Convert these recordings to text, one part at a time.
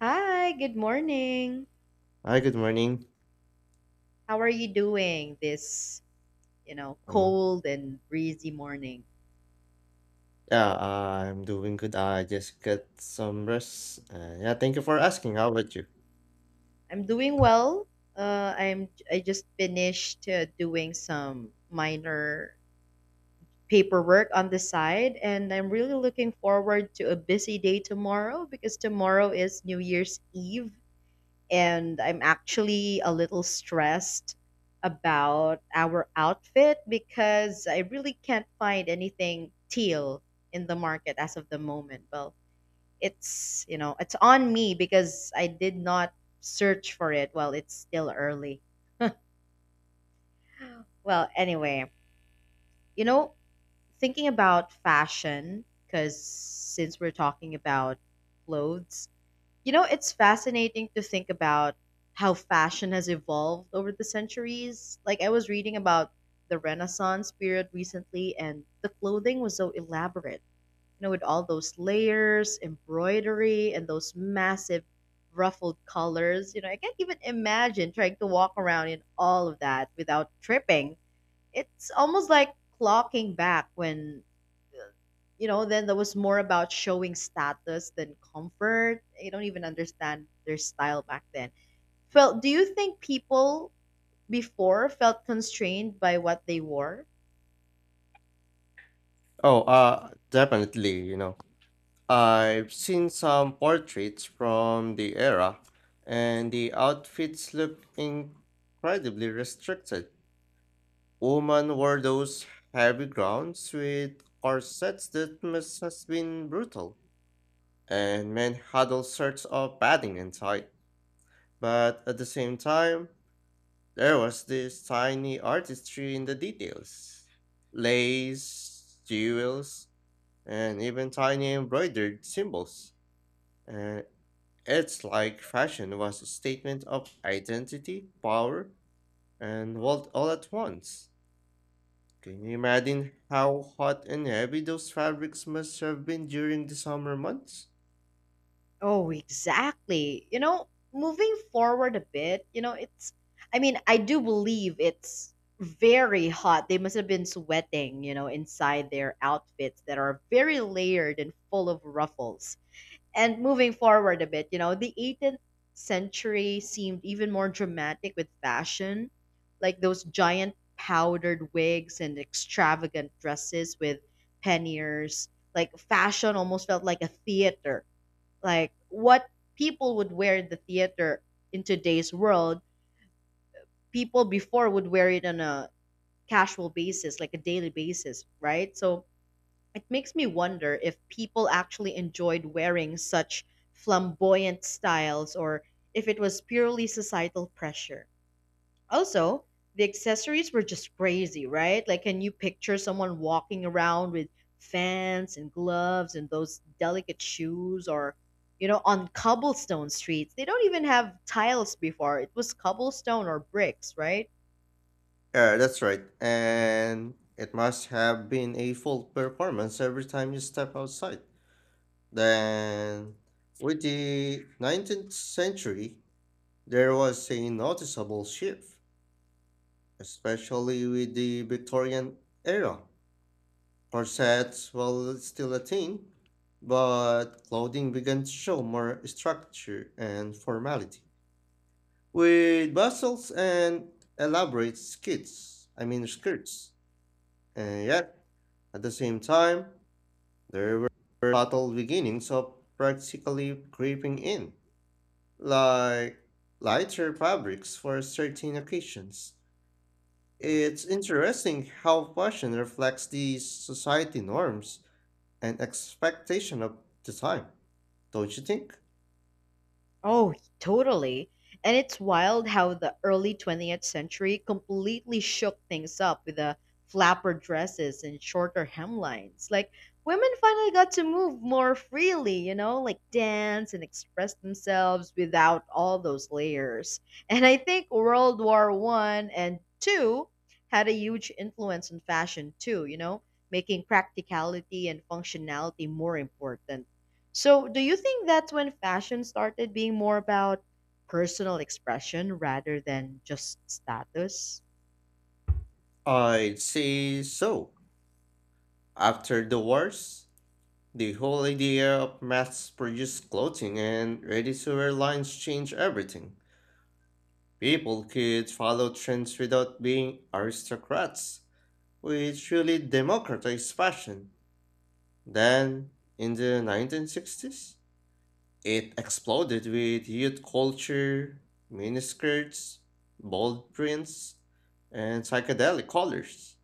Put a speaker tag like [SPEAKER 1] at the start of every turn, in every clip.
[SPEAKER 1] Hi, good morning.
[SPEAKER 2] Hi, good morning.
[SPEAKER 1] How are you doing this,
[SPEAKER 2] Mm,
[SPEAKER 1] cold and breezy morning?
[SPEAKER 2] Yeah, I'm doing good. I just got some rest. Yeah, thank you for asking. How about you?
[SPEAKER 1] I'm doing well. I just finished doing some minor paperwork on the side, and I'm really looking forward to a busy day tomorrow because tomorrow is New Year's Eve, and I'm actually a little stressed about our outfit because I really can't find anything teal in the market as of the moment. Well, it's on me because I did not search for it while it's still early. Well, anyway, you know, thinking about fashion because since we're talking about clothes. It's fascinating to think about how fashion has evolved over the centuries. Like, I was reading about the Renaissance period recently, and the clothing was so elaborate, with all those layers, embroidery, and those massive ruffled colors. I can't even imagine trying to walk around in all of that without tripping. It's almost like clocking back when then that was more about showing status than comfort. I don't even understand their style back then. Felt Do you think people before felt constrained by what they wore?
[SPEAKER 2] Oh, definitely, you know. I've seen some portraits from the era, and the outfits look incredibly restricted. Women wore those heavy gowns with corsets that must have been brutal, and men had all sorts of padding and tight. But at the same time, there was this tiny artistry in the details: lace, jewels, and even tiny embroidered symbols. And it's like fashion was a statement of identity, power, and wealth all at once. Can you imagine how hot and heavy those fabrics must have been during the summer months?
[SPEAKER 1] Oh, exactly. Moving forward a bit, you know, it's I mean, I do believe it's very hot. They must have been sweating, inside their outfits that are very layered and full of ruffles. And moving forward a bit, the 18th century seemed even more dramatic with fashion, like those giant powdered wigs and extravagant dresses with panniers. Like fashion almost felt like a theater. Like what people would wear in the theater, in today's world, people before would wear it on a casual basis, like a daily basis, right? So it makes me wonder if people actually enjoyed wearing such flamboyant styles or if it was purely societal pressure. Also, the accessories were just crazy, right? Like, can you picture someone walking around with fans and gloves and those delicate shoes or, on cobblestone streets? They don't even have tiles before. It was cobblestone or bricks, right?
[SPEAKER 2] Yeah, that's right. And it must have been a full performance every time you step outside. Then, with the 19th century, there was a noticeable shift, especially with the Victorian era. Corsets were still a thing, but clothing began to show more structure and formality, with bustles and elaborate skits, I mean skirts. And yet, at the same time, there were subtle beginnings of practically creeping in, like lighter fabrics for certain occasions. It's interesting how fashion reflects the society norms and expectation of the time, don't you think?
[SPEAKER 1] Oh, totally. And it's wild how the early 20th century completely shook things up with the flapper dresses and shorter hemlines. Like, women finally got to move more freely, like dance and express themselves without all those layers. And I think World War I and II had a huge influence on fashion too, making practicality and functionality more important. So, do you think that's when fashion started being more about personal expression rather than just status?
[SPEAKER 2] I'd say so. After the wars, the whole idea of mass-produced clothing and ready-to-wear lines changed everything. People could follow trends without being aristocrats, which really democratized fashion. Then, in the 1960s, it exploded with youth culture, miniskirts, bold prints, and psychedelic colors.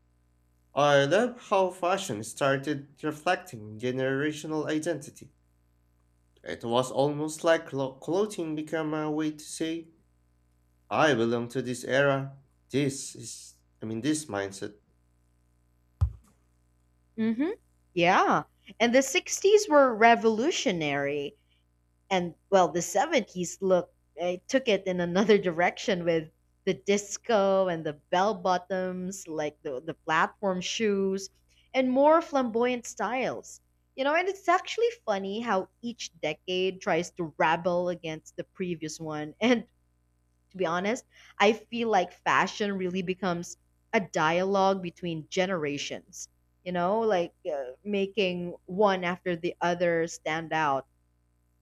[SPEAKER 2] I love how fashion started reflecting generational identity. It was almost like clothing became a way to say, I belong to this era. This is, I mean, this mindset.
[SPEAKER 1] Mm-hmm. Yeah. And the 60s were revolutionary. And, well, the 70s look, took it in another direction with the disco and the bell bottoms, like the platform shoes, and more flamboyant styles. And it's actually funny how each decade tries to rebel against the previous one. And, to be honest, I feel like fashion really becomes a dialogue between generations, like, making one after the other stand out.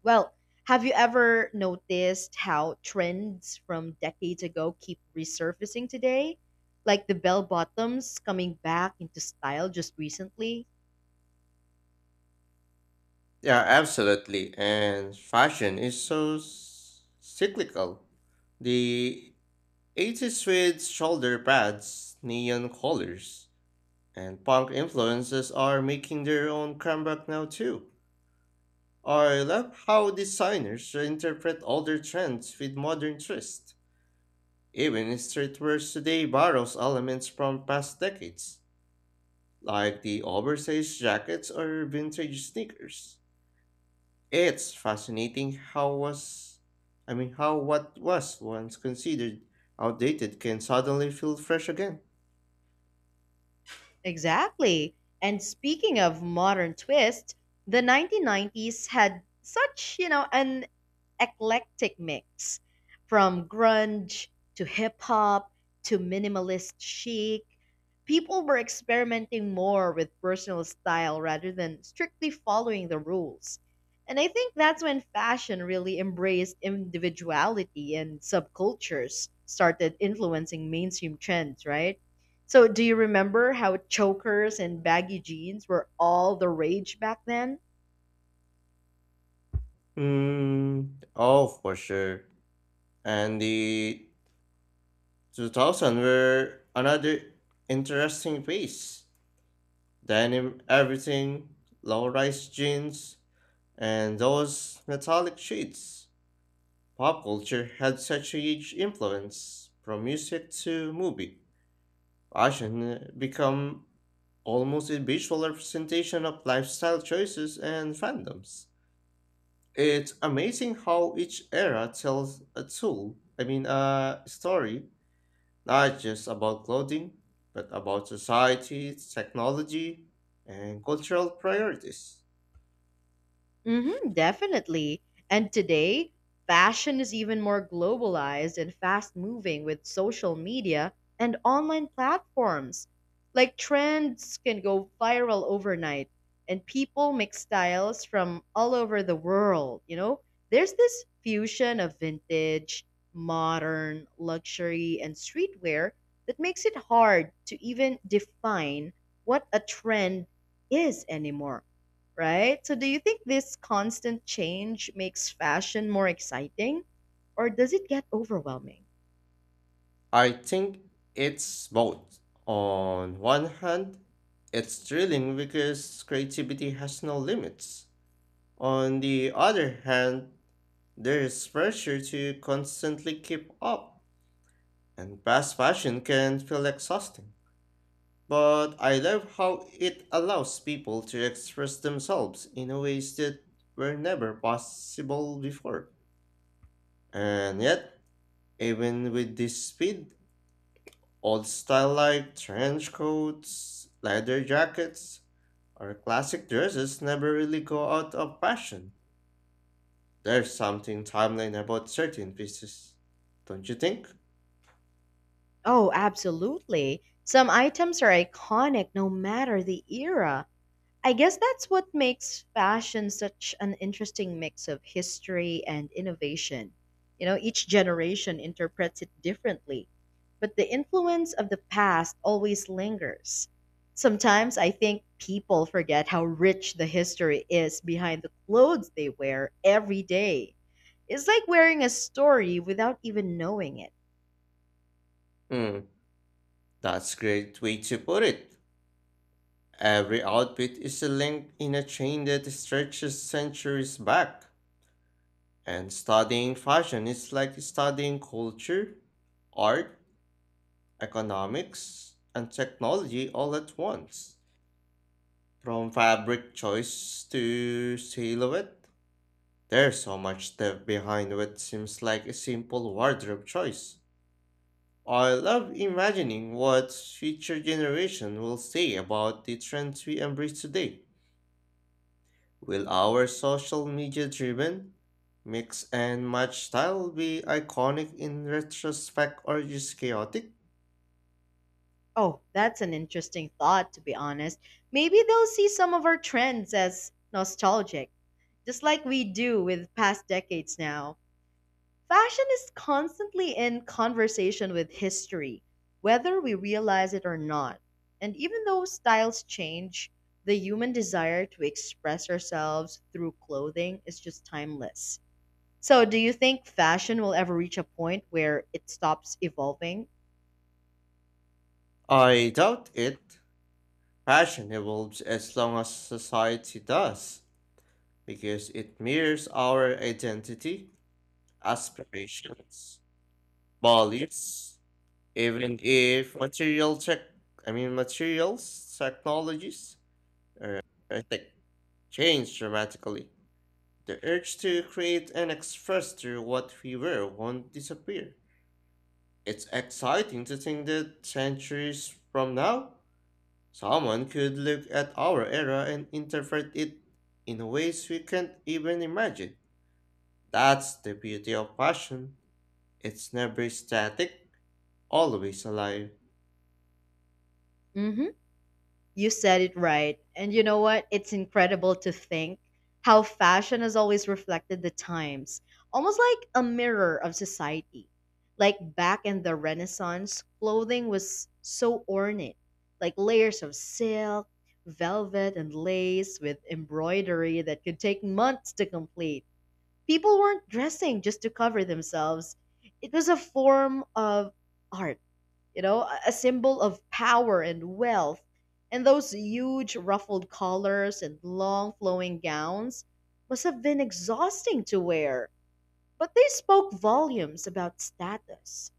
[SPEAKER 1] Well, have you ever noticed how trends from decades ago keep resurfacing today? Like the bell bottoms coming back into style just recently?
[SPEAKER 2] Yeah, absolutely. And fashion is so cyclical. The 80s with shoulder pads, neon colors, and punk influences are making their own comeback now too. I love how designers reinterpret older trends with modern twist. Even streetwear today borrows elements from past decades, like the oversized jackets or vintage sneakers. It's fascinating how was I mean how what was once considered outdated can suddenly feel fresh again.
[SPEAKER 1] Exactly. And speaking of modern twists, the 1990s had such, an eclectic mix from grunge to hip hop to minimalist chic. People were experimenting more with personal style rather than strictly following the rules. And I think that's when fashion really embraced individuality and subcultures started influencing mainstream trends, right? So, do you remember how chokers and baggy jeans were all the rage back then?
[SPEAKER 2] Mm, oh, for sure. And the 2000 were another interesting phase. Denim everything, low-rise jeans, and those metallic sheets. Pop culture had such a huge influence, from music to movie. Fashion become almost a visual representation of lifestyle choices and fandoms. It's amazing how each era tells a story, not just about clothing, but about society, technology, and cultural priorities.
[SPEAKER 1] Mm-hmm, definitely. And today, fashion is even more globalized and fast moving with social media and online platforms. Like trends can go viral overnight, and people mix styles from all over the world. There's this fusion of vintage, modern, luxury, and streetwear that makes it hard to even define what a trend is anymore, right? So do you think this constant change makes fashion more exciting, or does it get overwhelming?
[SPEAKER 2] I think it's both. On one hand, it's thrilling because creativity has no limits. On the other hand, there is pressure to constantly keep up, and fast fashion can feel exhausting. But I love how it allows people to express themselves in a ways that were never possible before. And yet, even with this speed, old style like trench coats, leather jackets, or classic dresses never really go out of fashion. There's something timeline about certain pieces, don't you think?
[SPEAKER 1] Oh, absolutely. Some items are iconic no matter the era. I guess that's what makes fashion such an interesting mix of history and innovation. Each generation interprets it differently, but the influence of the past always lingers. Sometimes I think people forget how rich the history is behind the clothes they wear every day. It's like wearing a story without even knowing it.
[SPEAKER 2] Hmm, that's great way to put it. Every outfit is a link in a chain that stretches centuries back, and studying fashion is like studying culture, art, economics, and technology all at once. From fabric choice to silhouette, there's so much depth behind what seems like a simple wardrobe choice. I love imagining what future generation will say about the trends we embrace today. Will our social media driven mix and match style be iconic in retrospect or just chaotic?
[SPEAKER 1] Oh, that's an interesting thought, to be honest. Maybe they'll see some of our trends as nostalgic, just like we do with past decades now. Fashion is constantly in conversation with history, whether we realize it or not. And even though styles change, the human desire to express ourselves through clothing is just timeless. So, do you think fashion will ever reach a point where it stops evolving?
[SPEAKER 2] I doubt it. Fashion evolves as long as society does, because it mirrors our identity, aspirations, values, even if materials, technologies, or tech change dramatically. The urge to create and express through what we were won't disappear. It's exciting to think that centuries from now, someone could look at our era and interpret it in ways we can't even imagine. That's the beauty of passion. It's never static, always alive.
[SPEAKER 1] Mm hmm. You said it right. And you know what? It's incredible to think how fashion has always reflected the times, almost like a mirror of society. Like back in the Renaissance, clothing was so ornate, like layers of silk, velvet, and lace with embroidery that could take months to complete. People weren't dressing just to cover themselves. It was a form of art. A symbol of power and wealth. And those huge ruffled collars and long flowing gowns must have been exhausting to wear, but they spoke volumes about status.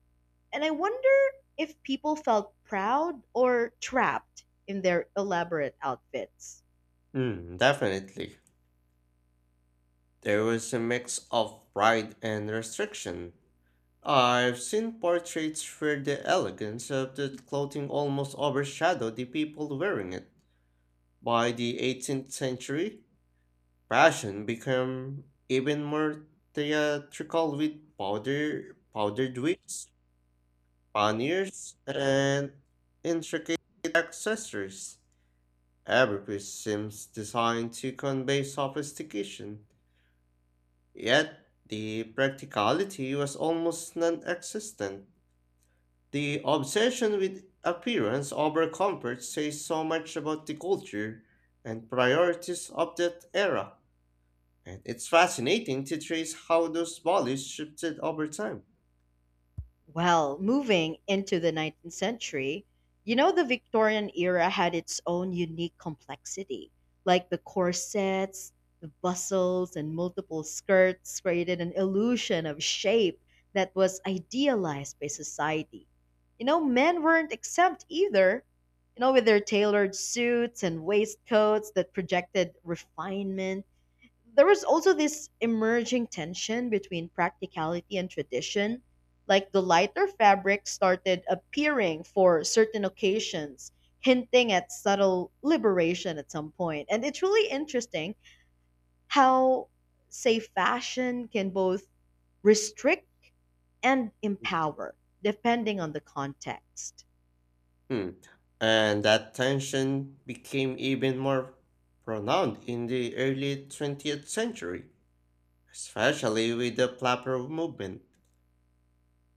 [SPEAKER 1] And I wonder if people felt proud or trapped in their elaborate outfits.
[SPEAKER 2] Mm, definitely. There was a mix of pride and restriction. I've seen portraits where the elegance of the clothing almost overshadowed the people wearing it. By the 18th century, fashion became even more theatrical with powdered wigs, panniers, and intricate accessories. Every piece seems designed to convey sophistication, yet the practicality was almost non existent. The obsession with appearance over comfort says so much about the culture and priorities of that era, and it's fascinating to trace how those values shifted over time.
[SPEAKER 1] Well, moving into the 19th century, the Victorian era had its own unique complexity, like the corsets, the bustles, and multiple skirts created an illusion of shape that was idealized by society. Men weren't exempt either, with their tailored suits and waistcoats that projected refinement. There was also this emerging tension between practicality and tradition. Like the lighter fabrics started appearing for certain occasions, hinting at subtle liberation at some point. And it's really interesting how, say, fashion can both restrict and empower, depending on the context.
[SPEAKER 2] Hmm. And that tension became even more pronounced in the early 20th century, especially with the Plaid movement.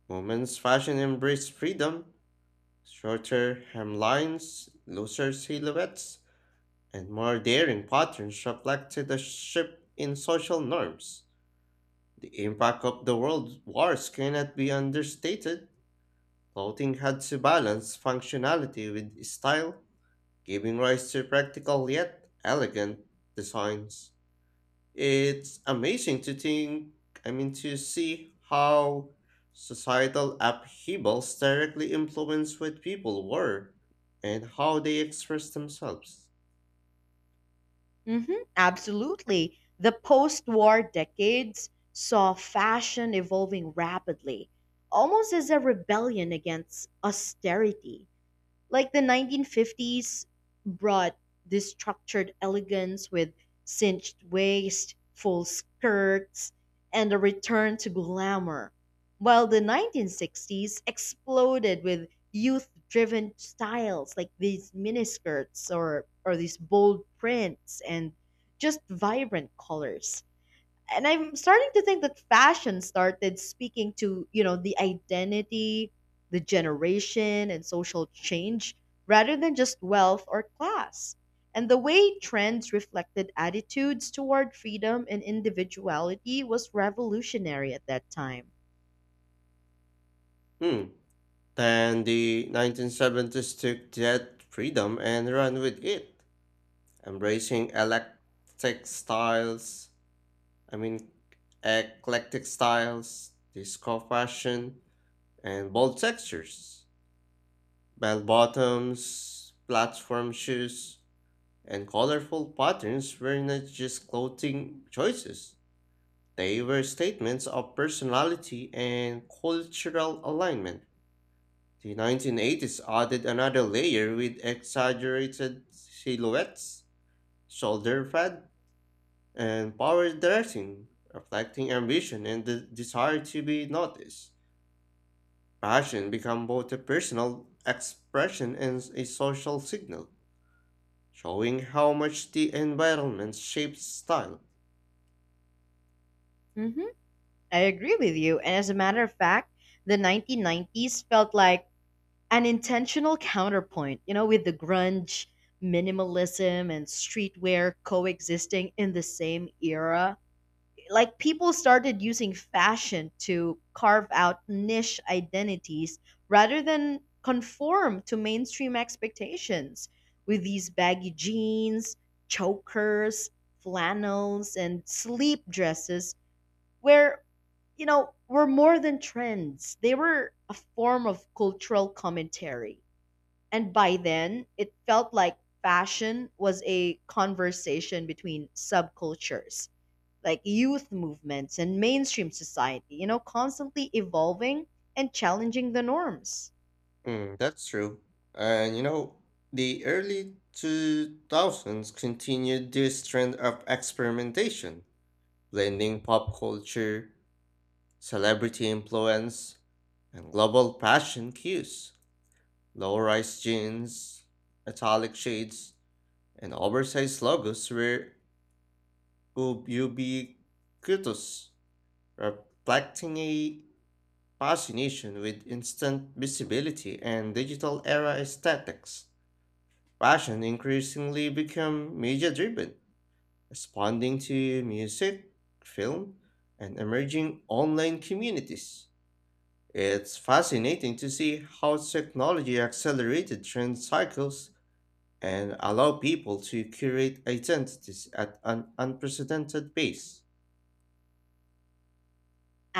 [SPEAKER 2] Women's fashion embraced freedom, shorter hemlines, looser silhouettes, and more daring patterns reflected a shift in social norms. The impact of the world wars cannot be understated. Clothing had to balance functionality with style, giving rise to practical yet elegant designs. It's amazing to see how societal upheavals directly influence what people wore and how they express themselves.
[SPEAKER 1] Hmm, absolutely. The post war decades saw fashion evolving rapidly, almost as a rebellion against austerity. Like the 1950s brought this structured elegance with cinched waist, full skirts, and a return to glamour, while the 1960s exploded with youth-driven styles like these miniskirts, or these bold prints and just vibrant colors. And I'm starting to think that fashion started speaking to, the identity, the generation, and social change rather than just wealth or class. And the way trends reflected attitudes toward freedom and individuality was revolutionary at that time.
[SPEAKER 2] Hmm, then the 1970s took that freedom and ran with it, embracing I mean, eclectic styles, disco fashion, and bold textures, bell bottoms, platform shoes, and colorful patterns were not just clothing choices. They were statements of personality and cultural alignment. The 1980s added another layer with exaggerated silhouettes, shoulder pad, and power dressing, reflecting ambition and the desire to be noticed. Fashion became both a personal expression and a social signal, showing how much the environment shapes style.
[SPEAKER 1] Hmm. I agree with you. And as a matter of fact, the 1990s felt like an intentional counterpoint, with the grunge, minimalism, and streetwear coexisting in the same era. Like people started using fashion to carve out niche identities rather than conform to mainstream expectations, with these baggy jeans, chokers, flannels, and sleep dresses, where, were more than trends. They were a form of cultural commentary. And by then, it felt like fashion was a conversation between subcultures, like youth movements and mainstream society, constantly evolving and challenging the norms.
[SPEAKER 2] Mm, that's true. And you know, the early 2000s continued this trend of experimentation blending pop culture, celebrity influence, and global fashion cues. Low rise jeans, italic shades, and oversized logos were ubiquitous, reflecting a fascination with instant visibility and digital era aesthetics. Fashion increasingly became media driven, responding to music, film, and emerging online communities. It's fascinating to see how technology accelerated trend cycles and allow people to curate identities at an unprecedented pace.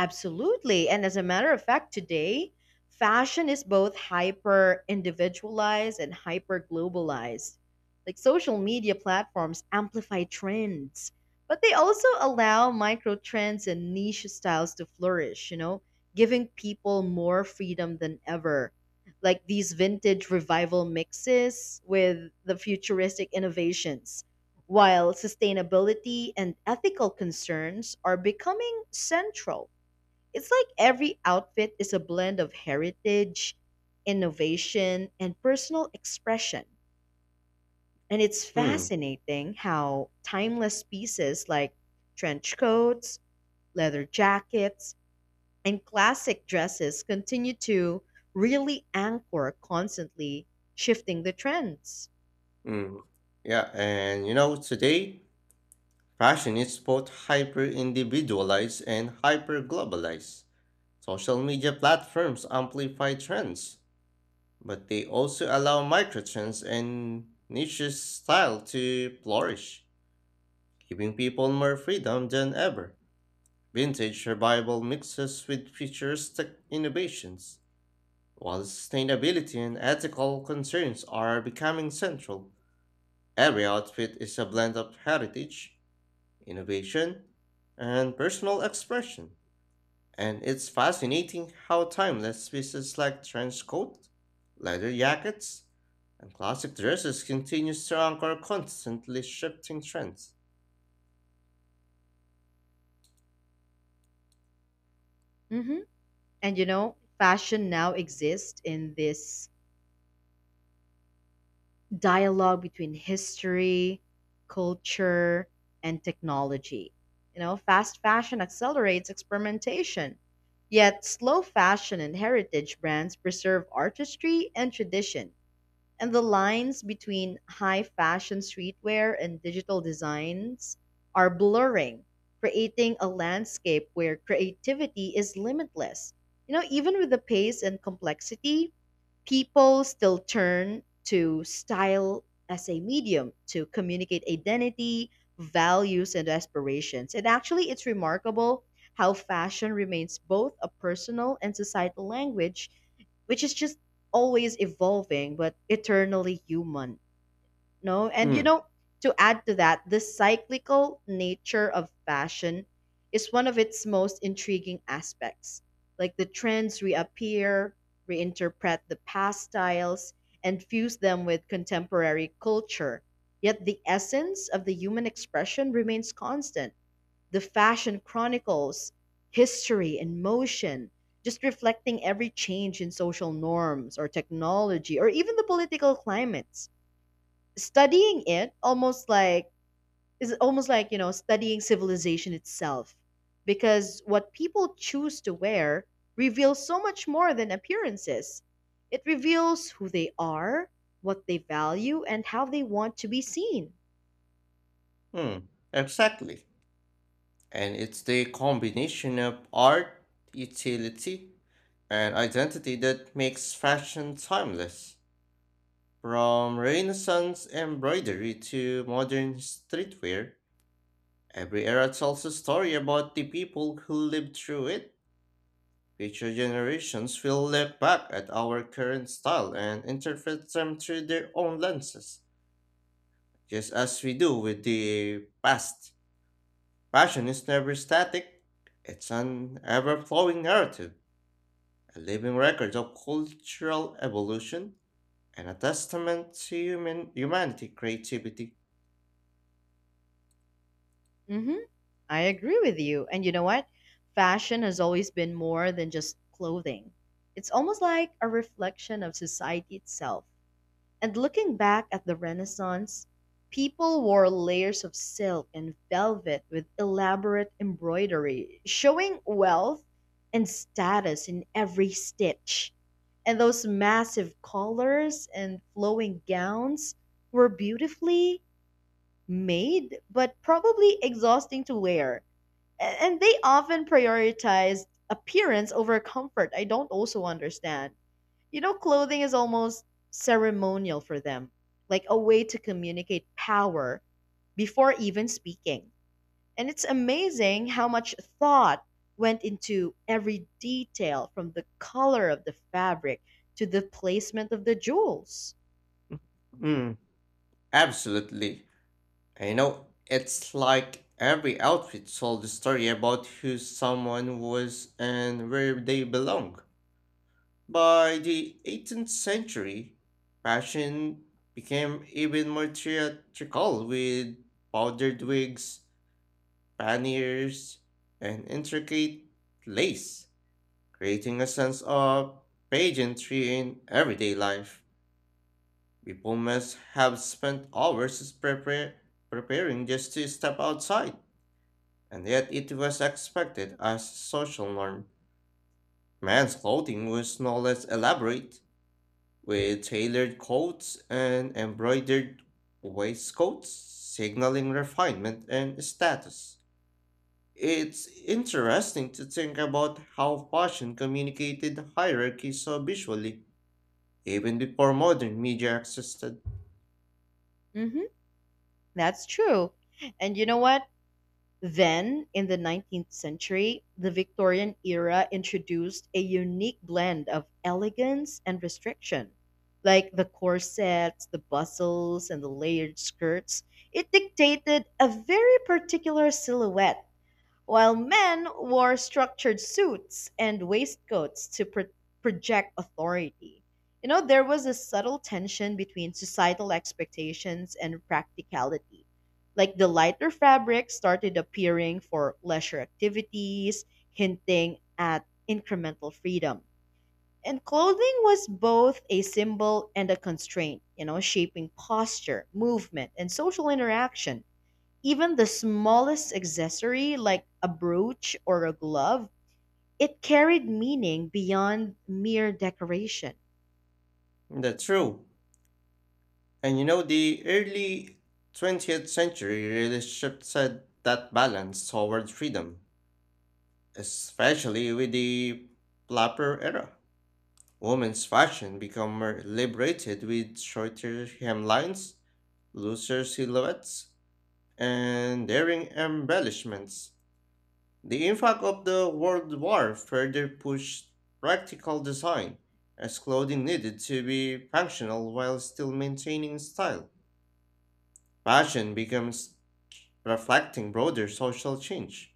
[SPEAKER 1] Absolutely. And as a matter of fact, today, fashion is both hyper individualized and hyper globalized. Like social media platforms amplify trends, but they also allow micro trends and niche styles to flourish, giving people more freedom than ever. Like these vintage revival mixes with the futuristic innovations, while sustainability and ethical concerns are becoming central. It's like every outfit is a blend of heritage, innovation, and personal expression. And it's
[SPEAKER 2] Mm,
[SPEAKER 1] fascinating how timeless pieces like trench coats, leather jackets, and classic dresses continue to really anchor constantly shifting the trends.
[SPEAKER 2] mm. Yeah, and you know, today, fashion is both hyper individualized and hyper globalized. Social media platforms amplify trends, but they also allow microtrends and niche style to flourish, giving people more freedom than ever. Vintage survival mixes with future tech innovations. While sustainability and ethical concerns are becoming central, every outfit is a blend of heritage, innovation, and personal expression. And it's fascinating how timeless pieces like trench coat, leather jackets, and classic dresses continues to anchor constantly shifting trends.
[SPEAKER 1] Hmm. And fashion now exists in this dialogue between history, culture, and technology. Fast fashion accelerates experimentation, yet slow fashion and heritage brands preserve artistry and tradition. And the lines between high fashion, streetwear, and digital designs are blurring, creating a landscape where creativity is limitless. Even with the pace and complexity, people still turn to style as a medium to communicate identity, values, and aspirations. And actually, it's remarkable how fashion remains both a personal and societal language, which is just always evolving but eternally human. No, and
[SPEAKER 2] Mm,
[SPEAKER 1] to add to that, the cyclical nature of fashion is one of its most intriguing aspects. Like the trends reappear, reinterpret the past styles, and fuse them with contemporary culture. Yet the essence of the human expression remains constant. The fashion chronicles history and motion, just reflecting every change in social norms, or technology, or even the political climates. Studying it, almost like, is almost like, studying civilization itself, because what people choose to wear reveals so much more than appearances. It reveals who they are, what they value, and how they want to be seen.
[SPEAKER 2] exactly. And it's the combination of art, utility, and identity that makes fashion timeless. From Renaissance embroidery to modern streetwear, every era tells a story about the people who lived through it. Future generations will look back at our current style and interpret them through their own lenses, just as we do with the past. Fashion is never static, it's an ever flowing narrative, a living record of cultural evolution, and a testament to human humanity creativity.
[SPEAKER 1] Hmm. I agree with you. And you know what? Fashion has always been more than just clothing. It's almost like a reflection of society itself. And looking back at the Renaissance, people wore layers of silk and velvet with elaborate embroidery, showing wealth and status in every stitch. And those massive collars and flowing gowns were beautifully made, but probably exhausting to wear. And they often prioritized appearance over comfort. I don't also understand. Clothing is almost ceremonial for them, like a way to communicate power before even speaking. And it's amazing how much thought went into every detail, from the color of the fabric to the placement of the jewels.
[SPEAKER 2] Mm, absolutely. And you know, it's like every outfit told a story about who someone was and where they belong. By the 18th century, fashion became even more theatrical with powdered wigs, panniers, and intricate lace, creating a sense of pageantry in everyday life. People must have spent preparing just to step outside, and yet it was expected as a social norm. Men's clothing was no less elaborate, with tailored coats and embroidered waistcoats, signaling refinement and status. It's interesting to think about how fashion communicated hierarchy so visually even before modern media existed.
[SPEAKER 1] Hmm, that's true. And you know what? Then, in the 19th century, the Victorian era introduced a unique blend of elegance and restriction. Like the corsets, the bustles, and the layered skirts, it dictated a very particular silhouette, while men wore structured suits and waistcoats to project authority. There was a subtle tension between societal expectations and practicality. Like the lighter fabrics started appearing for leisure activities, hinting at incremental freedom. And clothing was both a symbol and a constraint, shaping posture, movement, and social interaction. Even the smallest accessory, like a brooch or a glove, it carried meaning beyond mere decoration.
[SPEAKER 2] That's true. And you know, the early 20th century really shifted that balance towards freedom, especially with the flapper era. Women's fashion became more liberated with shorter hemlines, looser silhouettes, and daring embellishments. The impact of the World War further pushed practical design, as clothing needed to be functional while still maintaining style. Fashion becomes reflecting broader social change,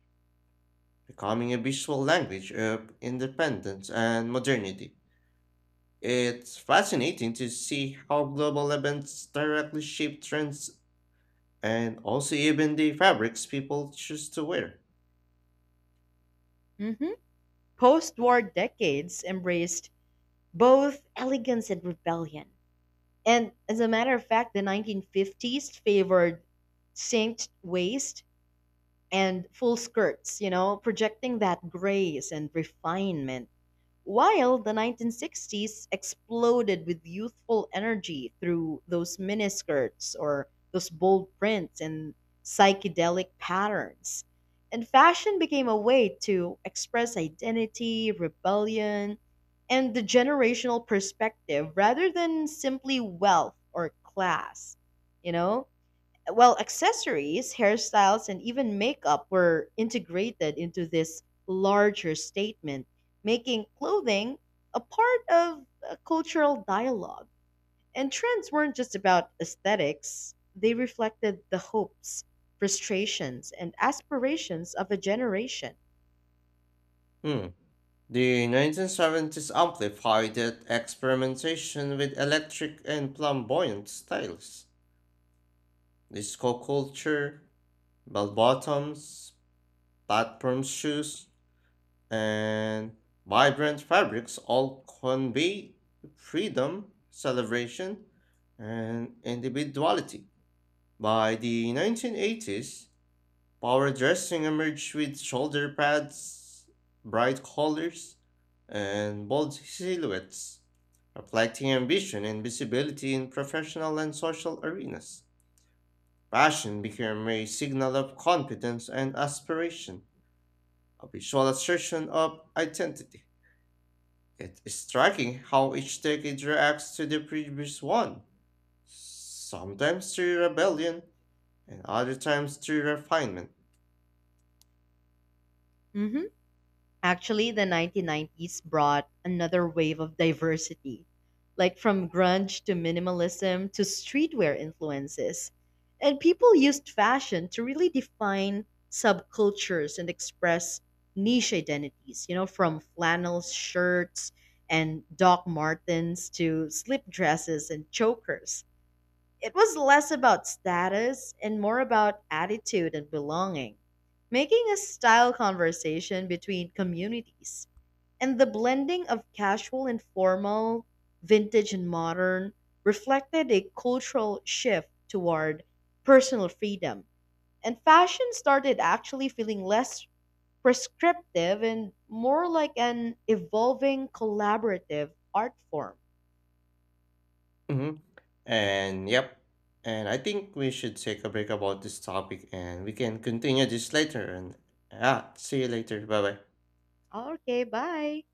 [SPEAKER 2] becoming a visual language of independence and modernity. It's fascinating to see how global events directly shape trends and also even the fabrics people choose to wear.
[SPEAKER 1] Mhm. Post-war decades embraced both elegance and rebellion. And as a matter of fact, the 1950s favored cinched waist and full skirts, projecting that grace and refinement. While the 1960s exploded with youthful energy through those miniskirts or those bold prints and psychedelic patterns. And fashion became a way to express identity, rebellion, and the generational perspective rather than simply wealth or class. You know, well, accessories, hairstyles, and even makeup were integrated into this larger statement, making clothing a part of a cultural dialogue. And trends weren't just about aesthetics, they reflected the hopes, frustrations, and aspirations of a generation.
[SPEAKER 2] Hmm. The 1970s amplified that experimentation with electric and flamboyant styles. Disco culture, bell bottoms, platform shoes, and vibrant fabrics all convey freedom, celebration, and individuality. By the 1980s, power dressing emerged with shoulder pads, bright colors, and bold silhouettes, reflecting ambition and visibility in professional and social arenas. Fashion became a signal of confidence and aspiration, a visual assertion of identity. It is striking how each decade reacts to the previous one, sometimes through rebellion, and other times through refinement.
[SPEAKER 1] Mhm. Actually, the 1990s brought another wave of diversity, like from grunge to minimalism to streetwear influences. And people used fashion to really define subcultures and express niche identities, from flannel shirts and Doc Martens to slip dresses and chokers. It was less about status and more about attitude and belonging, making a style conversation between communities. And the blending of casual and formal, vintage and modern, reflected a cultural shift toward personal freedom. And fashion started actually feeling less prescriptive and more like an evolving collaborative art form.
[SPEAKER 2] Mm-hmm. And yep. And I think we should take a break about this topic and we can continue this later. And yeah, see you later. Bye bye.
[SPEAKER 1] Okay, bye.